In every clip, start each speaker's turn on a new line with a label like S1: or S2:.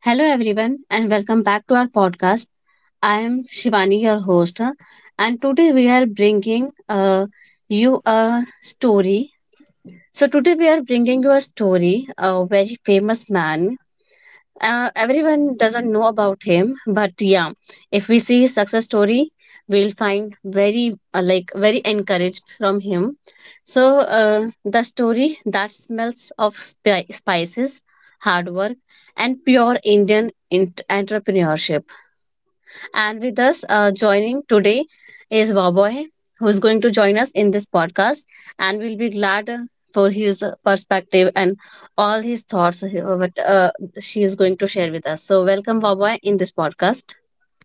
S1: Hello, everyone, and welcome back to our podcast. I am Shivani, your host, and today we are bringing you a story. So, today we are bringing you a story, a very famous man everyone doesn't know about him, but yeah, if we see his success story, we'll find very very encouraged from him. So the story that smells of spices, hard work, and pure indian entrepreneurship. And with us joining today is Wowboy, who is going to join us in this podcast. And we'll be glad for his perspective and all his thoughts, what she is going to share with us. So, welcome, Wowboy, in this podcast.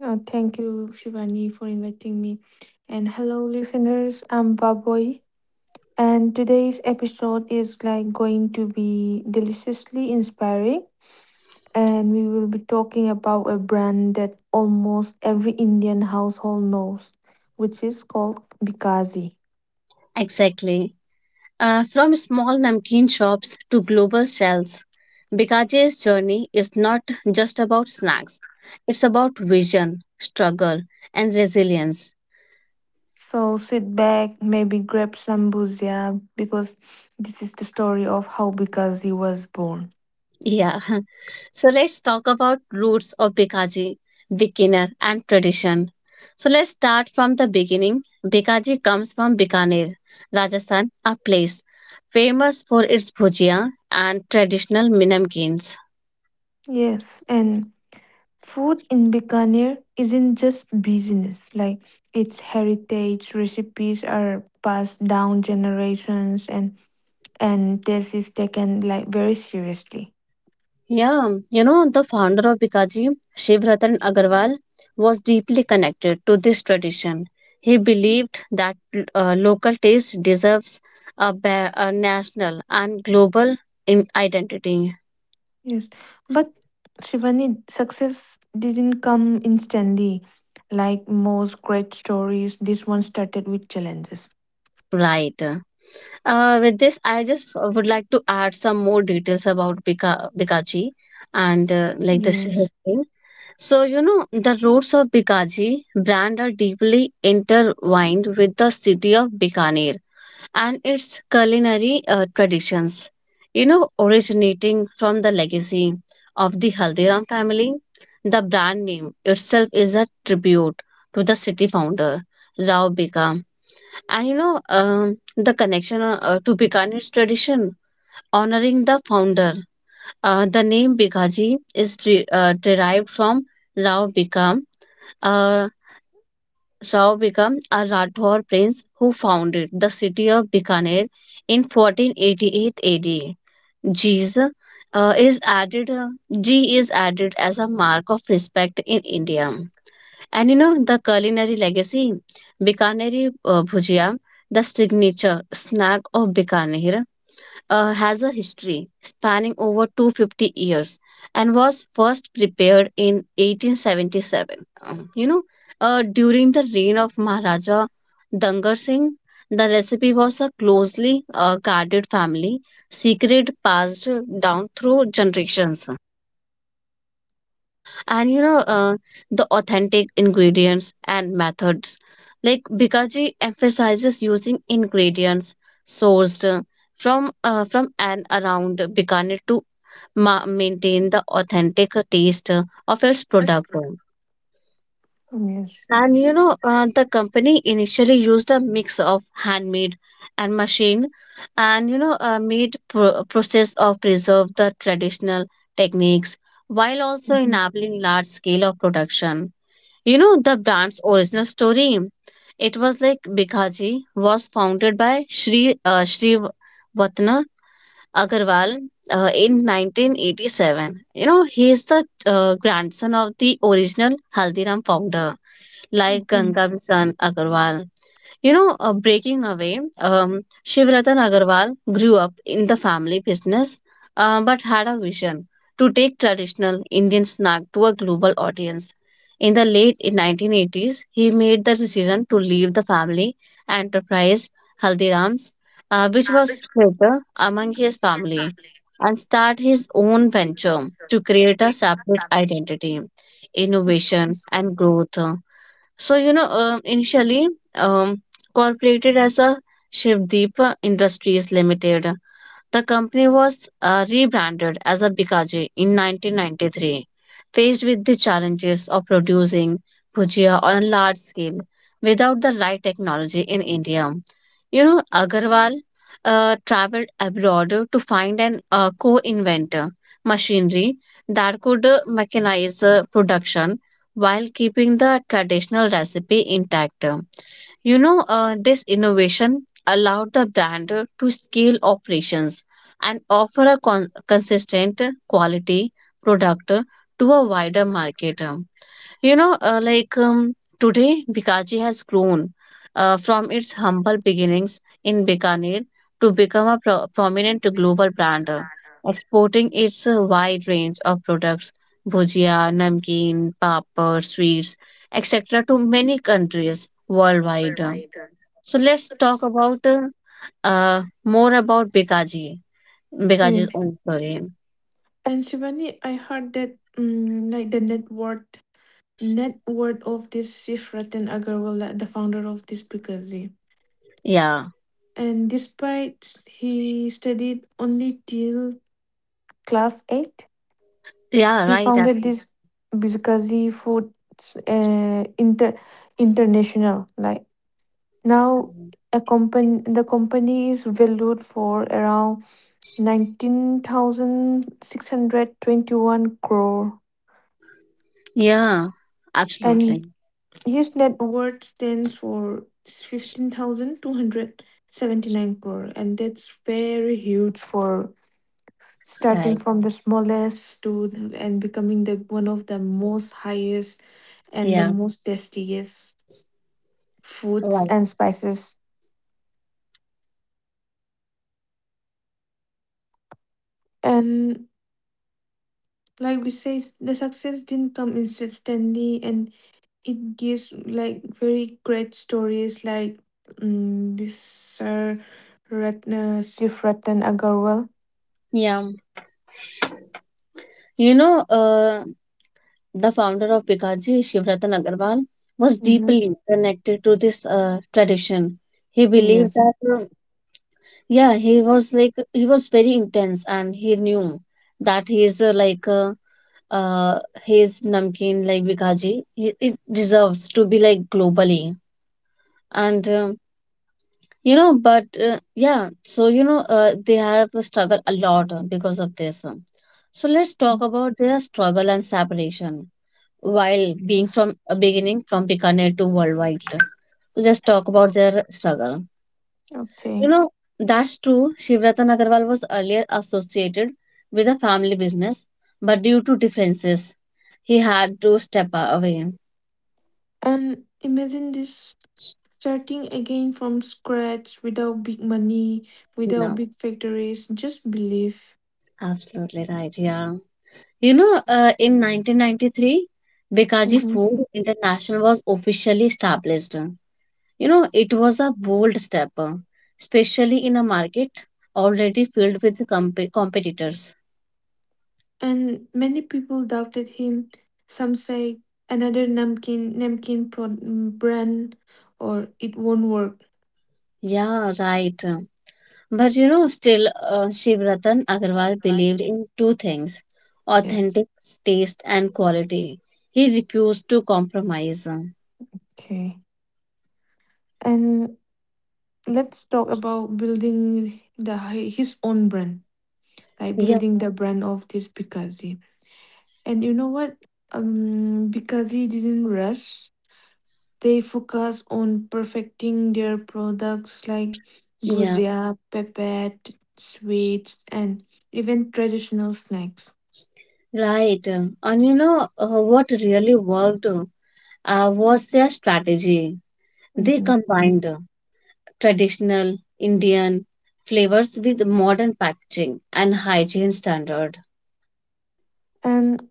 S2: Thank you, Shivani, for inviting me. And hello, listeners. I'm Baboy, and today's episode is like going to be deliciously inspiring. And we will be talking about a brand that almost every Indian household knows, which is called Bikazi.
S1: Exactly. From small namkeen shops to global shelves, Bikaje's journey is not just about snacks, it's about vision, struggle, and resilience.
S2: So sit back, maybe grab some bhujia, because this is the story of how Bikazi was born.
S1: Yeah. So let's talk about roots of Bikaji, beginner and tradition. So let's start from the beginning. Bikaji comes from Bikaner, Rajasthan, a place famous for its bhujia and traditional minamkins.
S2: Yes, and food in Bikaner isn't just business, like its heritage recipes are passed down generations, and this is taken like very seriously.
S1: Yeah, you know, the founder of Bikaji, Shivratan Agarwal, was deeply connected to this tradition. He believed that local taste deserves a national and global in identity.
S2: Yes, but Shivani, success didn't come instantly. Like most great stories, this one started with challenges.
S1: Right. With this, I just would like to add some more details about Bikaji and like this
S2: Yes.
S1: history. So, you know, the roots of Bikaji brand are deeply intertwined with the city of Bikaner and its culinary traditions, you know, originating from the legacy of the Haldiram family. The brand name itself is a tribute to the city founder, Rao Bika, and you know, the connection to Bikaner's tradition, honoring the founder. The name Bikaji is derived from Rao Bikam, uh, Rao Bikam, a Rathore prince who founded the city of Bikaner in 1488 AD. G's, is added, G is added as a mark of respect in India. And you know, the culinary legacy, Bikaneri Bhujia, the signature snack of Bikaner, has a history spanning over 250 years and was first prepared in 1877. You know, during the reign of Maharaja Dangar Singh, the recipe was a closely guarded family secret passed down through generations. And you know the authentic ingredients and methods, like bikaji emphasizes using ingredients sourced from and around bikaner to maintain the authentic taste of its
S2: That's
S1: product.
S2: good. Yes.
S1: And you know the company initially used a mix of handmade and machine, and you know made process of preserve the traditional techniques while also
S2: Mhm.
S1: enabling large scale of production. You know the brand's original story. It was like Bikaji was founded by Shri Vatna Agarwal in 1987. You know he is the grandson of the original Haldiram founder, like
S2: Mhm.
S1: Ganga Bisan Agarwal. You know, breaking away, Shivratan Agarwal grew up in the family business but had a vision to take traditional Indian snack to a global audience. In the late 1980s, he made the decision to leave the family enterprise Haldiram's, which was later among his family, and start his own venture to create a separate identity, innovation, and growth. So, you know, initially um, corporated as a Shivdeep Industries Limited, the company was rebranded as a Bikaji in 1993. Faced with the challenges of producing bhujia on a large scale without the right technology in India, you know, Agarwal traveled abroad to find an co-inventor machinery that could mechanize production while keeping the traditional recipe intact. You know, this innovation allowed the brand to scale operations and offer a consistent quality product to a wider market. You know, today, Bikaji has grown from its humble beginnings in Bikaner to become a prominent global brand, exporting its wide range of products, bhujia, namkeen, papad, sweets, etc., to many countries worldwide. So let's talk about more about Bikaji's
S2: Yes.
S1: own story.
S2: And Shivani, I heard that like the net worth of this Shiv Ratan Agarwal, the founder of this Picardly.
S1: Yeah,
S2: And despite he studied only till class eight,
S1: yeah,
S2: he
S1: right.
S2: founded
S1: Absolutely.
S2: this Birkazi Foods International. Like now, a company the company is valued for around 19,621 crore,
S1: Yeah,
S2: and
S1: absolutely.
S2: his net worth stands for 15,279 crore, and that's very huge for starting
S1: Right.
S2: from the smallest and becoming the one of the most highest and the
S1: Yeah.
S2: most tastiest foods
S1: Right.
S2: and spices. And like we say, the success didn't come instantly, and it gives like very great stories like this Sir Ratna Sif Ratan Agarwal.
S1: Yeah. You know, the founder of Bikaji, Shivratan Agarwal, was
S2: Mm-hmm.
S1: deeply connected to this tradition. He believed that
S2: Yes,
S1: yeah, he was like he was very intense and he knew that he is uh his namkeen like Vikaji, he, it deserves to be like globally, and you know, but yeah, so you know they have struggled a lot because of this. So let's talk about their struggle and separation while being
S2: yes.
S1: from beginning from Bikaner to worldwide. Let's talk about their struggle.
S2: Okay.
S1: You know, that's true. Shivratan Agarwal was earlier associated with a family business, but due to differences, he had to step away.
S2: And imagine this, starting again from scratch without big money, without
S1: No,
S2: big factories, just belief.
S1: absolutely right. Yeah. You know, in 1993, Bikaji
S2: Mm-hmm.
S1: Food International was officially established. You know, it was a bold step, especially in a market already filled with competitors.
S2: And many people doubted him. Some say another namkin brand or it won't work.
S1: Yeah, right. But you know, still, Shivratan Agarwal believed in two things,
S2: Yes.
S1: authentic taste and quality. He refused to compromise.
S2: Okay. And let's talk about building his own brand, like
S1: Yeah,
S2: building the brand of this Bikazi. And you know what? Bikazi didn't rush. They focus on perfecting their products, like
S1: yeah,
S2: bujia, pepet, sweets, and even traditional snacks.
S1: right. And you know, what really worked was their strategy. They
S2: Mhm.
S1: combined traditional Indian flavors with modern packaging and hygiene standards.
S2: And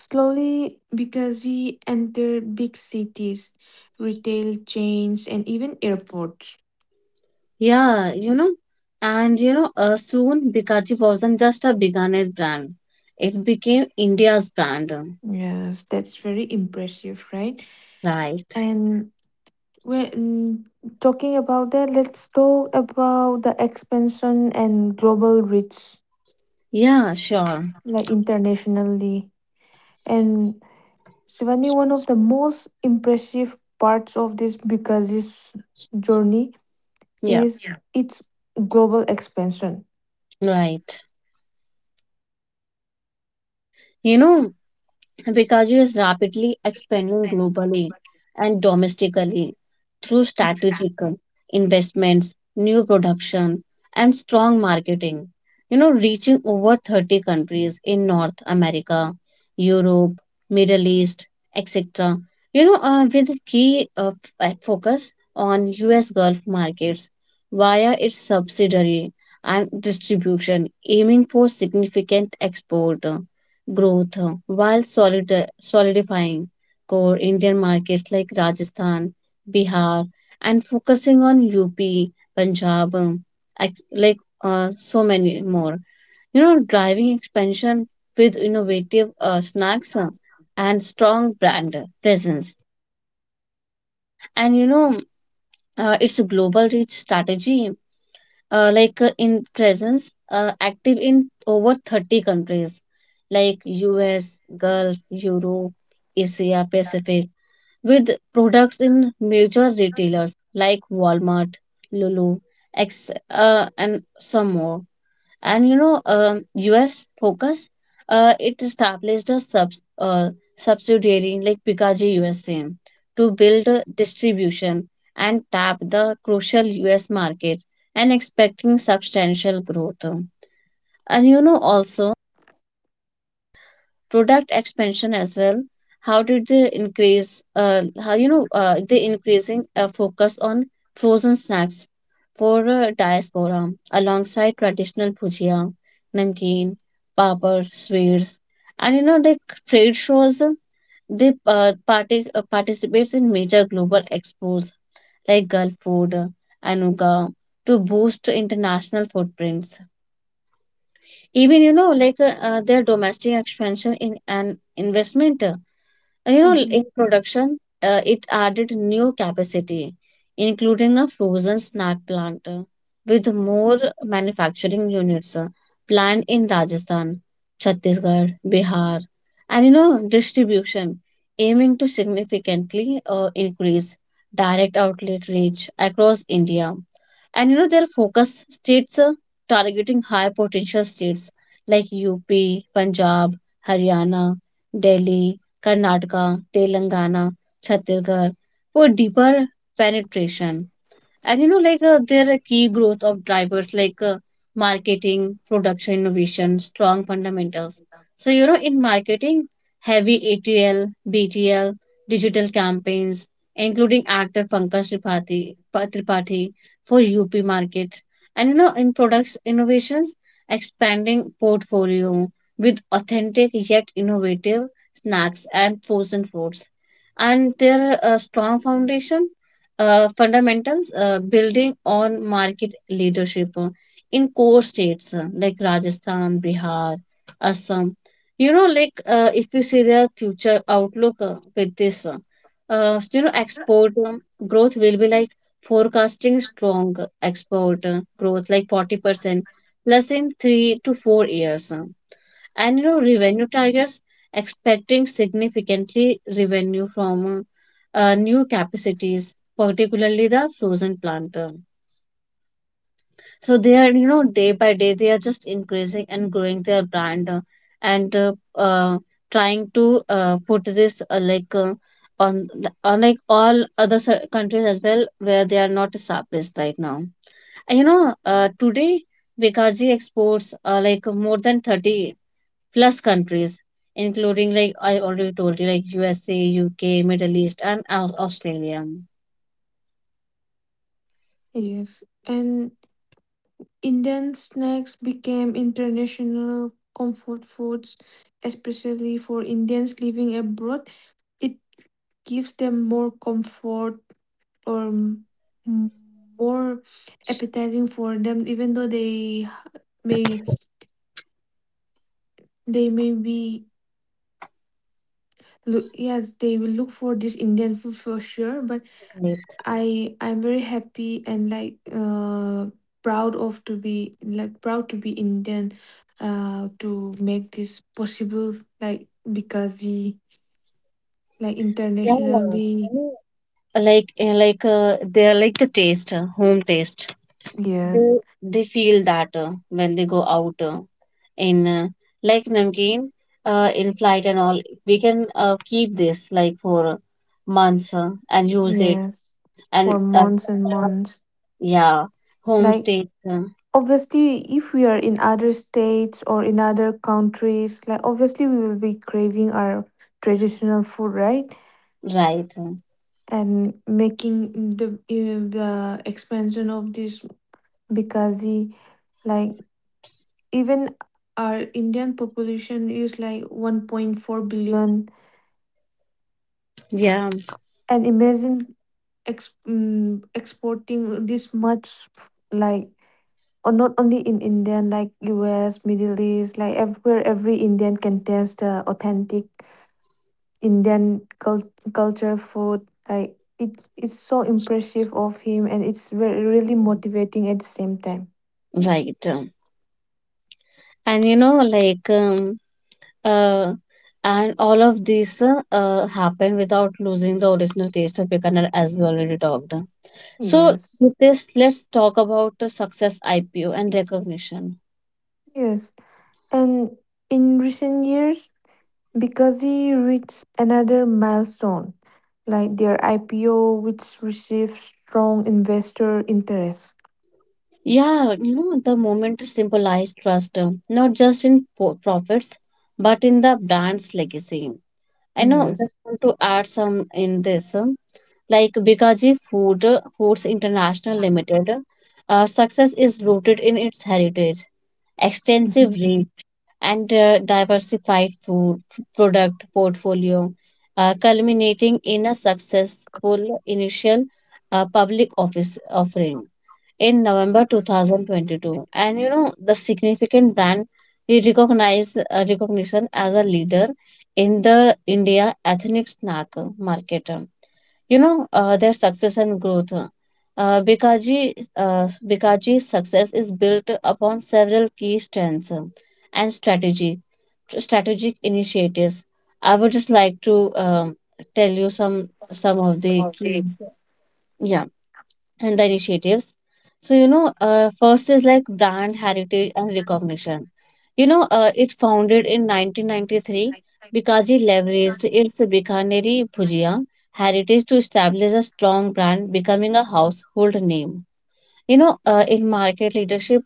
S2: slowly, because he entered big cities, retail chains, and even airports.
S1: Yeah, you know, and you know, soon Bikaji wasn't just a Bikaner brand, it became India's brand.
S2: Yes, that's very impressive, right?
S1: Right.
S2: And when talking about that, let's talk about the expansion and global reach,
S1: Yeah, sure.
S2: like internationally. And Shivani, one of the most impressive parts of this, because this journey
S1: Yeah,
S2: is, yeah, its global expansion.
S1: right. You know, Pikachu is rapidly expanding globally and domestically through strategic investments, new production, and strong marketing. You know, reaching over 30 countries in North America, Europe, Middle East, etc. You know, with key focus on US Gulf markets via its subsidiary and distribution, aiming for significant export growth solidifying core Indian markets like Rajasthan, Bihar, and focusing on UP, Punjab, so many more. You know, driving expansion with innovative snacks and strong brand presence. And you know, it's a global reach strategy, in presence active in over 30 countries like US, Gulf, Europe, Asia, Pacific, with products in major retailers like Walmart, Lulu, X, and some more. And you know, us focus, it established a uh, subsidiary like pikaji usa to build a distribution and tap the crucial us market, and expecting substantial growth. And you know, also product expansion as well. How did they increase, how you know they increasing a focus on frozen snacks for diaspora, alongside traditional bhujia, namkeen, papad, sweets. And you know, like trade shows, participates in major global expos like gulf food, anuga, to boost international footprints. Even you know, their domestic expansion in an investment. And you know, in production, it added new capacity, including a frozen snack plant with more manufacturing units planned in Rajasthan, Chhattisgarh, Bihar. And you know, distribution aiming to significantly increase direct outlet reach across India. And you know, their focus states, targeting high potential states like UP, Punjab, Haryana, Delhi, Karnataka, Telangana, Chhattisgarh for deeper penetration. And you know, there are key growth of drivers like marketing, production, innovation, strong fundamentals. So you know, in marketing, heavy atl, btl, digital campaigns, including actor pankaj tripathi, tripathi for up markets. And you know, in products innovations, expanding portfolio with authentic yet innovative snacks and frozen foods. And their strong foundation fundamentals, building on market leadership in core states like Rajasthan, Bihar, Assam. You know, if you see their future outlook so, you know, export growth will be like forecasting strong export growth, like 40% plus in 3 to 4 years. And you know, revenue targets, expecting significantly revenue from new capacities, particularly the frozen plant. So they are, you know, day by day, they are just increasing and growing their brand, and uh, trying to put this on unlike all other countries as well where they are not established right now. And, you know, today Bikaji exports like more than 30 plus countries, including like I already told you, like USA, UK, Middle East, and Australia.
S2: Yes, and Indian snacks became international comfort foods, especially for Indians living abroad. It gives them more comfort or m- more appetizing for them, even though they may, be look, yes, they will look for this Indian food for sure, but
S1: Right.
S2: I'm very happy and like proud of to be like proud to be Indian, to make this possible, like, because the, like,
S1: Yeah, I
S2: internationally,
S1: mean, like they're like the taste, home taste. They
S2: yes,
S1: they feel that when they go out in like namkeen in flight and all, we can keep this like for months and use it.
S2: yes,
S1: And
S2: for
S1: uh,
S2: months and months,
S1: yeah, home
S2: like
S1: state.
S2: obviously if we are in other states or in other countries, like obviously we will be craving our traditional food, right?
S1: Right.
S2: And making the, the expansion of this, because like even our Indian population is like 1.4 billion,
S1: Yeah,
S2: and imagine exporting this much, like, or not only in Indian, like US, Middle East, like everywhere, every Indian can taste the authentic Indian culture food. Like it's so impressive of him, and it's really motivating at the same time.
S1: right. And you know, uh, and all of these happen without losing the original taste of Bikaner, as we already talked. So
S2: Yes,
S1: with this, let's talk about the success IPO and recognition.
S2: yes. And in recent years, because he reached another milestone, like their IPO, which received strong investor interest.
S1: Yeah, you know the moment symbolized trust, not just in profits, but in the brand's legacy. I know just
S2: Yes.
S1: want to add some in this, like Bikaji Foods International Limited. Success is rooted in its heritage
S2: Mhm.
S1: extensive range and diversified product portfolio, culminating in a successful initial public office offering in November 2022. And you know, the significant brand we recognize recognition as a leader in the India ethnic snack market. Their success and growth, huh. Bikaji's success is built upon several key strengths, and strategic initiatives. I would just like to tell you some of the key. Yeah, and the initiatives. So, you know, first is like brand heritage and recognition. You know, it founded in 1993. Bikaji leveraged its Bikaneri Bhujia heritage to establish a strong brand, becoming a household name. You know, in market leadership,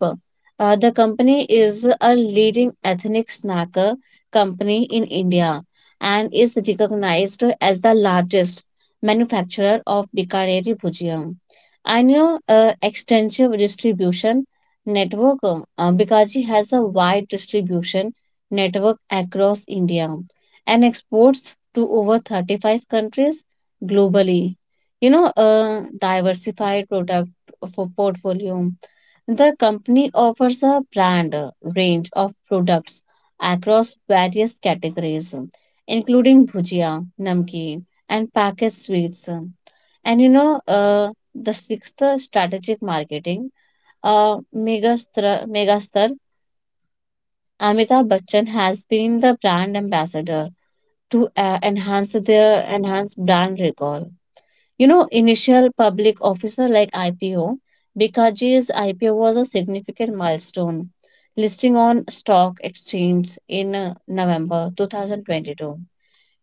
S1: the company is a leading ethnic snacker company in India and is recognized as the largest manufacturer of Bikaneri Bhujia. And you know, extensive distribution network. Bikaji has a wide distribution network across India and exports to over 35 countries globally. You know, diversified product for portfolio. The company offers a brand range of products across various categories, including bhujia, namkeen, and packaged sweets. And you know, the sixth strategic marketing, megastar Amitabh Bachchan has been the brand ambassador to enhance brand recall. You know, initial public officer like IPO, Bikaji's IPO was a significant milestone, listing on stock exchange in November 2022.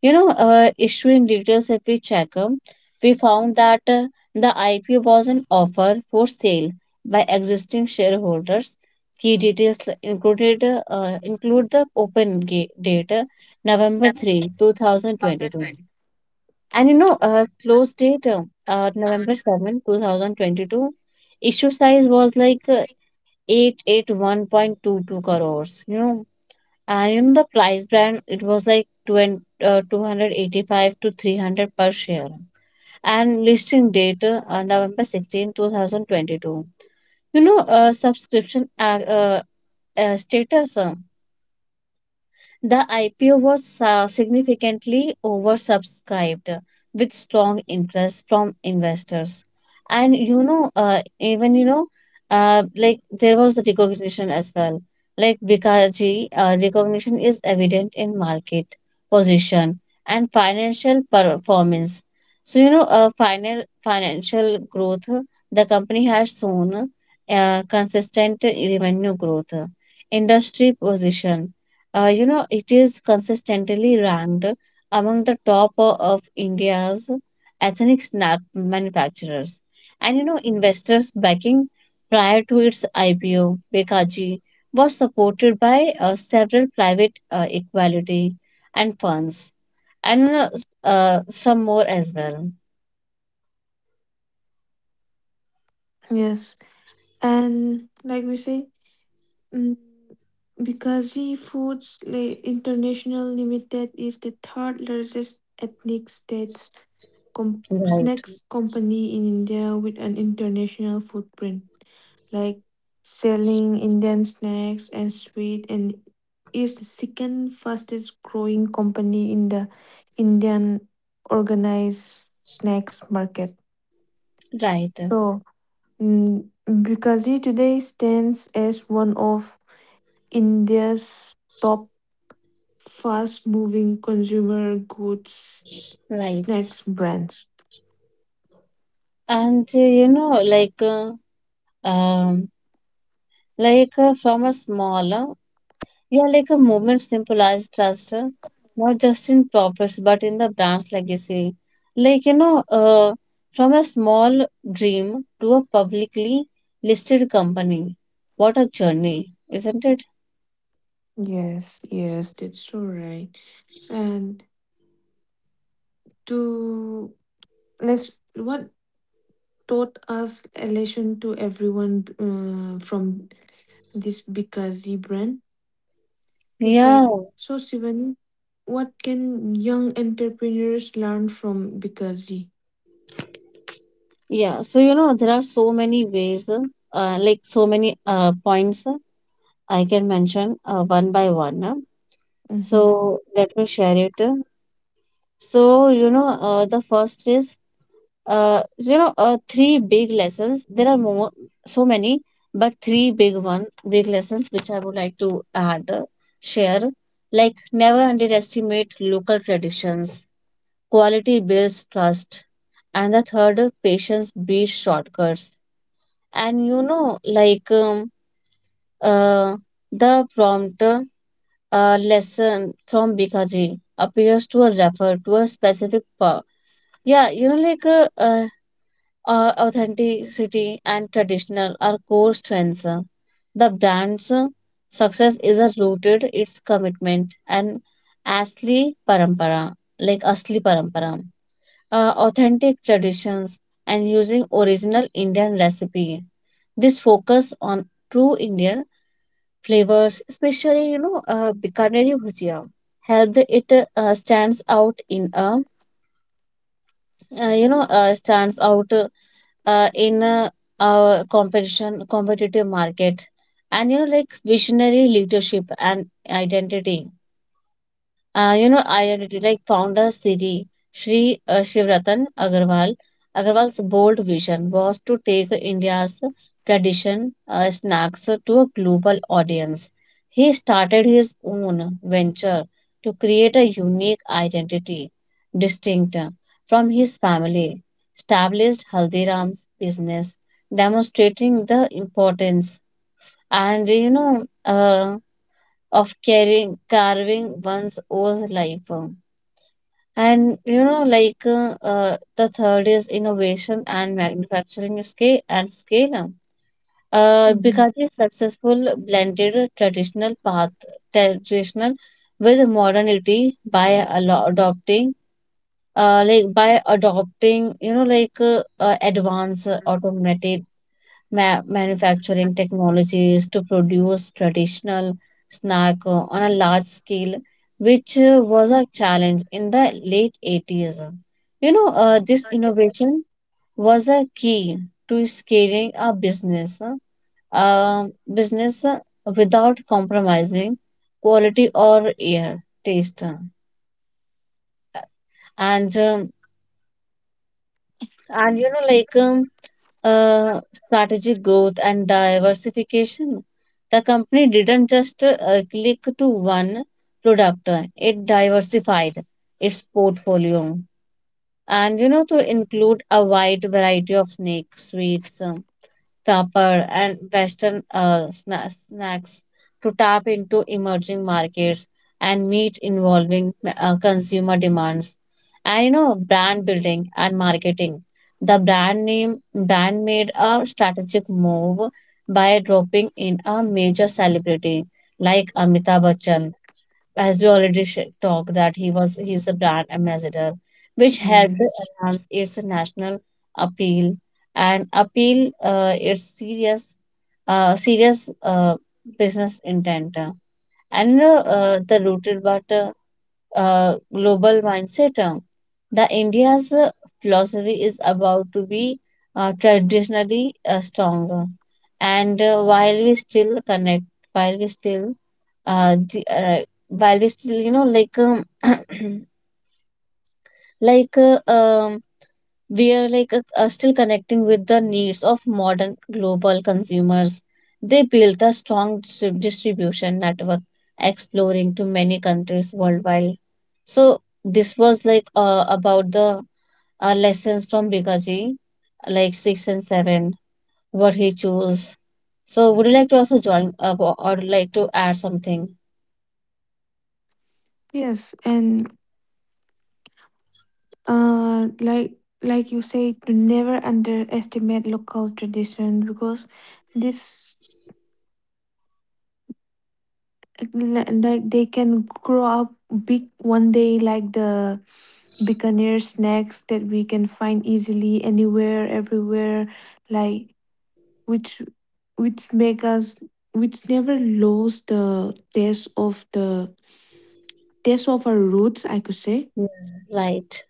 S1: You know, issuing details if we check, we found that the IPO was an offer for sale by existing shareholders. Key details include the open date, November 3, 2022, and you know, close date, November 7, 2022, issue size was like 881.22 crores, you know. And you know, the price brand, it was like 285 to 300 per share. And listing date, November 16, 2022. You know, subscription status. The IPO was significantly oversubscribed with strong interest from investors. And you know, like there was the recognition as well. Like Vikaji, recognition is evident in market position and financial performance. So you know, final financial growth, the company has shown consistent revenue growth, industry position. It is consistently ranked among the of India's ethnic snack manufacturers. And you know, investors backing prior to its IPO, Bekaji was supported by several private equality and funds, and you know, some more as well.
S2: Yes. And like we say, mm, Bikaji Foods, like, International Limited is the third largest ethnic state
S1: Right.
S2: snacks company in India with an international footprint, like selling Indian snacks and sweet, and is the second fastest growing company in the Indian organized snacks market.
S1: Right.
S2: So, Bikaji today stands as one of India's top fast-moving consumer goods
S1: Right.
S2: snacks brands.
S1: And um, from a small yeah, like a movement simple as trust, not just in profits, but in the brand's legacy. Like, you know, from a small dream to a publicly listed company. What a journey, isn't it?
S2: Yes, yes, that's all right. And to, let's, what taught us relation to everyone from this Bikazi brand is,
S1: Yeah,
S2: like, so Sivan, what can young entrepreneurs learn from Bikazi?
S1: yeah. So, you know, there are so many ways, like so many points I can mention one by one.
S2: Mm-hmm.
S1: So, let me share it. So, you know, the first is three big lessons. There are more, so many, but three big one big lessons which I would like to add share, like never underestimate local traditions, quality builds trust, and the third, patience beats shortcuts. And you know, like uh, the prompt lesson from Bikaji appears to refer to a specific yeah, you know, like authenticity and traditional are core strengths. The brand's success is a rooted its commitment and asli parampara, like asli parampara, authentic traditions and using original Indian recipe. This focus on true Indian flavors, especially you know, Bikaner bhujia, helped it stands out in a you know stands out in our competition competitive market. And you know, like visionary leadership and identity, identity like founder Siri Sri Shivratan Agarwal. Agarwal's bold vision was to take India's tradition snacks to a global audience. He started his own venture to create a unique identity, distinct from his family, established Haldiram's business, demonstrating the importance, and you know, of carving one's own life. And you know, like, the third is innovation and manufacturing scale.
S2: Mm-hmm.
S1: Bikaji successful blended traditional with modernity by adopting, like by adopting you know like advanced automatic manufacturing technologies to produce traditional snack on a large scale, which was a challenge in the late 80s. You know, this innovation was a key to scaling a business, um, business uh, without compromising quality or air taste. And um, And you know, like uh, strategic growth and diversification. The company didn't just click to one product, it diversified its portfolio. And you know, to include a wide variety of snake sweets, copper, and Western snacks to tap into emerging markets and meet involving consumer demands. And you know, brand building and marketing. The brand made a strategic move by dropping in a major celebrity like Amitabh Bachchan, as we already talked that he is a brand ambassador, which helped
S2: Yes.
S1: enhance its national appeal, and appeal its serious serious business intent, and the rooted but global mindset. The India's philosophy is about to be traditionally stronger, and while we still connect while we still the, while we still you know, like like, we are like, still connecting with the needs of modern global consumers. They built a strong distribution network, exploring to many countries worldwide. So this was like, about the lessons from Bikaji, like six and seven, what he chose. So would you like to also join, or like to add something?
S2: Yes, and uh, like like you say, to never underestimate local tradition, because this, like, they can grow up big one day, like the Bikaner snacks that we can find easily anywhere, everywhere, like, which which make us, which never lost the taste of our roots, I could say.
S1: Yeah. Right,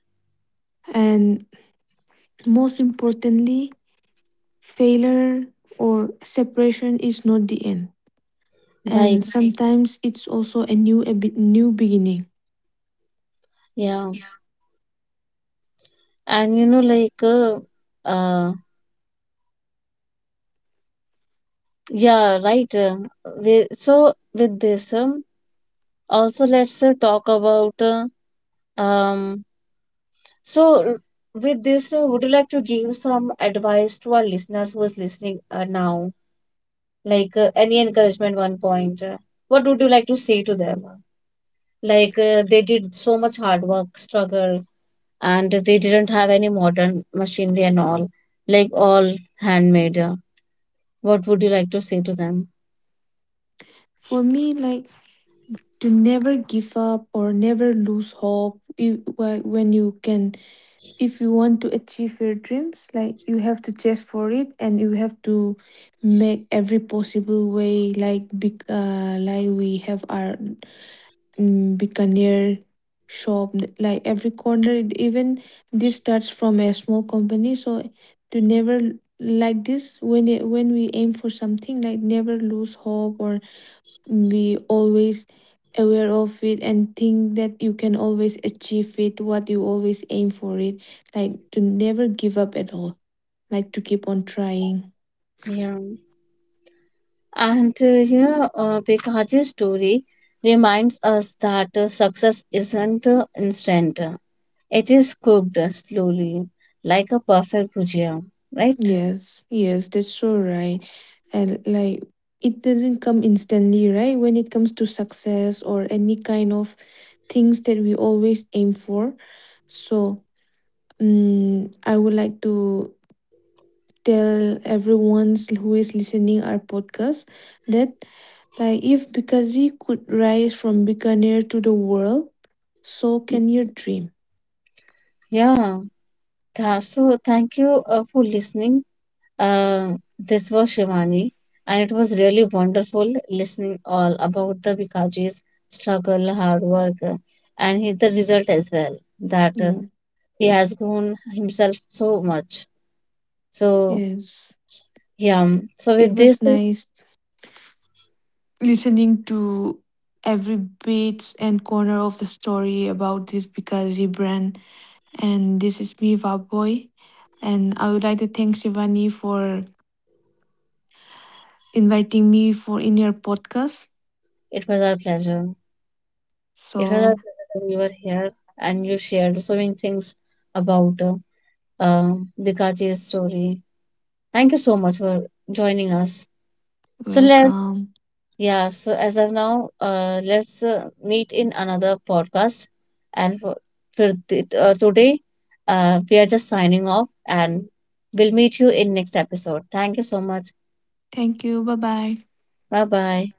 S2: And most importantly, failure or separation is not the end. And
S1: right.
S2: right, sometimes it's also a new beginning.
S1: Yeah, and you know, like, uh, yeah, right. So with this, also let's talk about, um, so with this, would you like to give some advice to our listeners who is listening now? Like, any encouragement, one point. What would you like to say to them? Like, they did so much hard work, struggle, and they didn't have any modern machinery and all, like all handmade. What would you like to say to them?
S2: For me, like to never give up or never lose hope. If when you can, if you want to achieve your dreams, like you have to chase for it, and you have to make every possible way, like big, like we have our, Buccaneer shop, like every corner, even this starts from a small company. So to never, like this, when when we aim for something, like never lose hope or be always aware of it and think that you can always achieve it, what you always aim for it, like to never give up at all, like to keep on trying.
S1: Yeah, and you know, Bikaji's story reminds us that success isn't instant. It is cooked slowly, like a perfect bhujia, right?
S2: Yes, yes, that's so right. And like, it doesn't come instantly, right? When it comes to success or any kind of things that we always aim for. So I would like to tell everyone who is listening our podcast that, like, if Bikaji could rise from Bikaner to the world, so can your dream.
S1: Yeah. So thank you for listening. This was Shivani, and it was really wonderful listening all about the Bikaji's struggle, hard work, and the result as well, that
S2: Mm,
S1: he has grown himself so much. So
S2: yes.
S1: yeah. So
S2: It
S1: with this,
S2: was nice listening to every bit and corner of the story about this Bikaji brand. And this is me, Vaboy. And I would like to thank Shivani for inviting me for in your podcast.
S1: it was our pleasure. It was our
S2: So
S1: pleasure that you were here and you shared so many things about Dikachi's story. Thank you so much for joining us. So let
S2: welcome.
S1: yeah. So as of now, let's meet in another podcast. And for today, we are just signing off, and we'll meet you in next episode. Thank you so much.
S2: Thank you. Bye bye.
S1: Bye bye.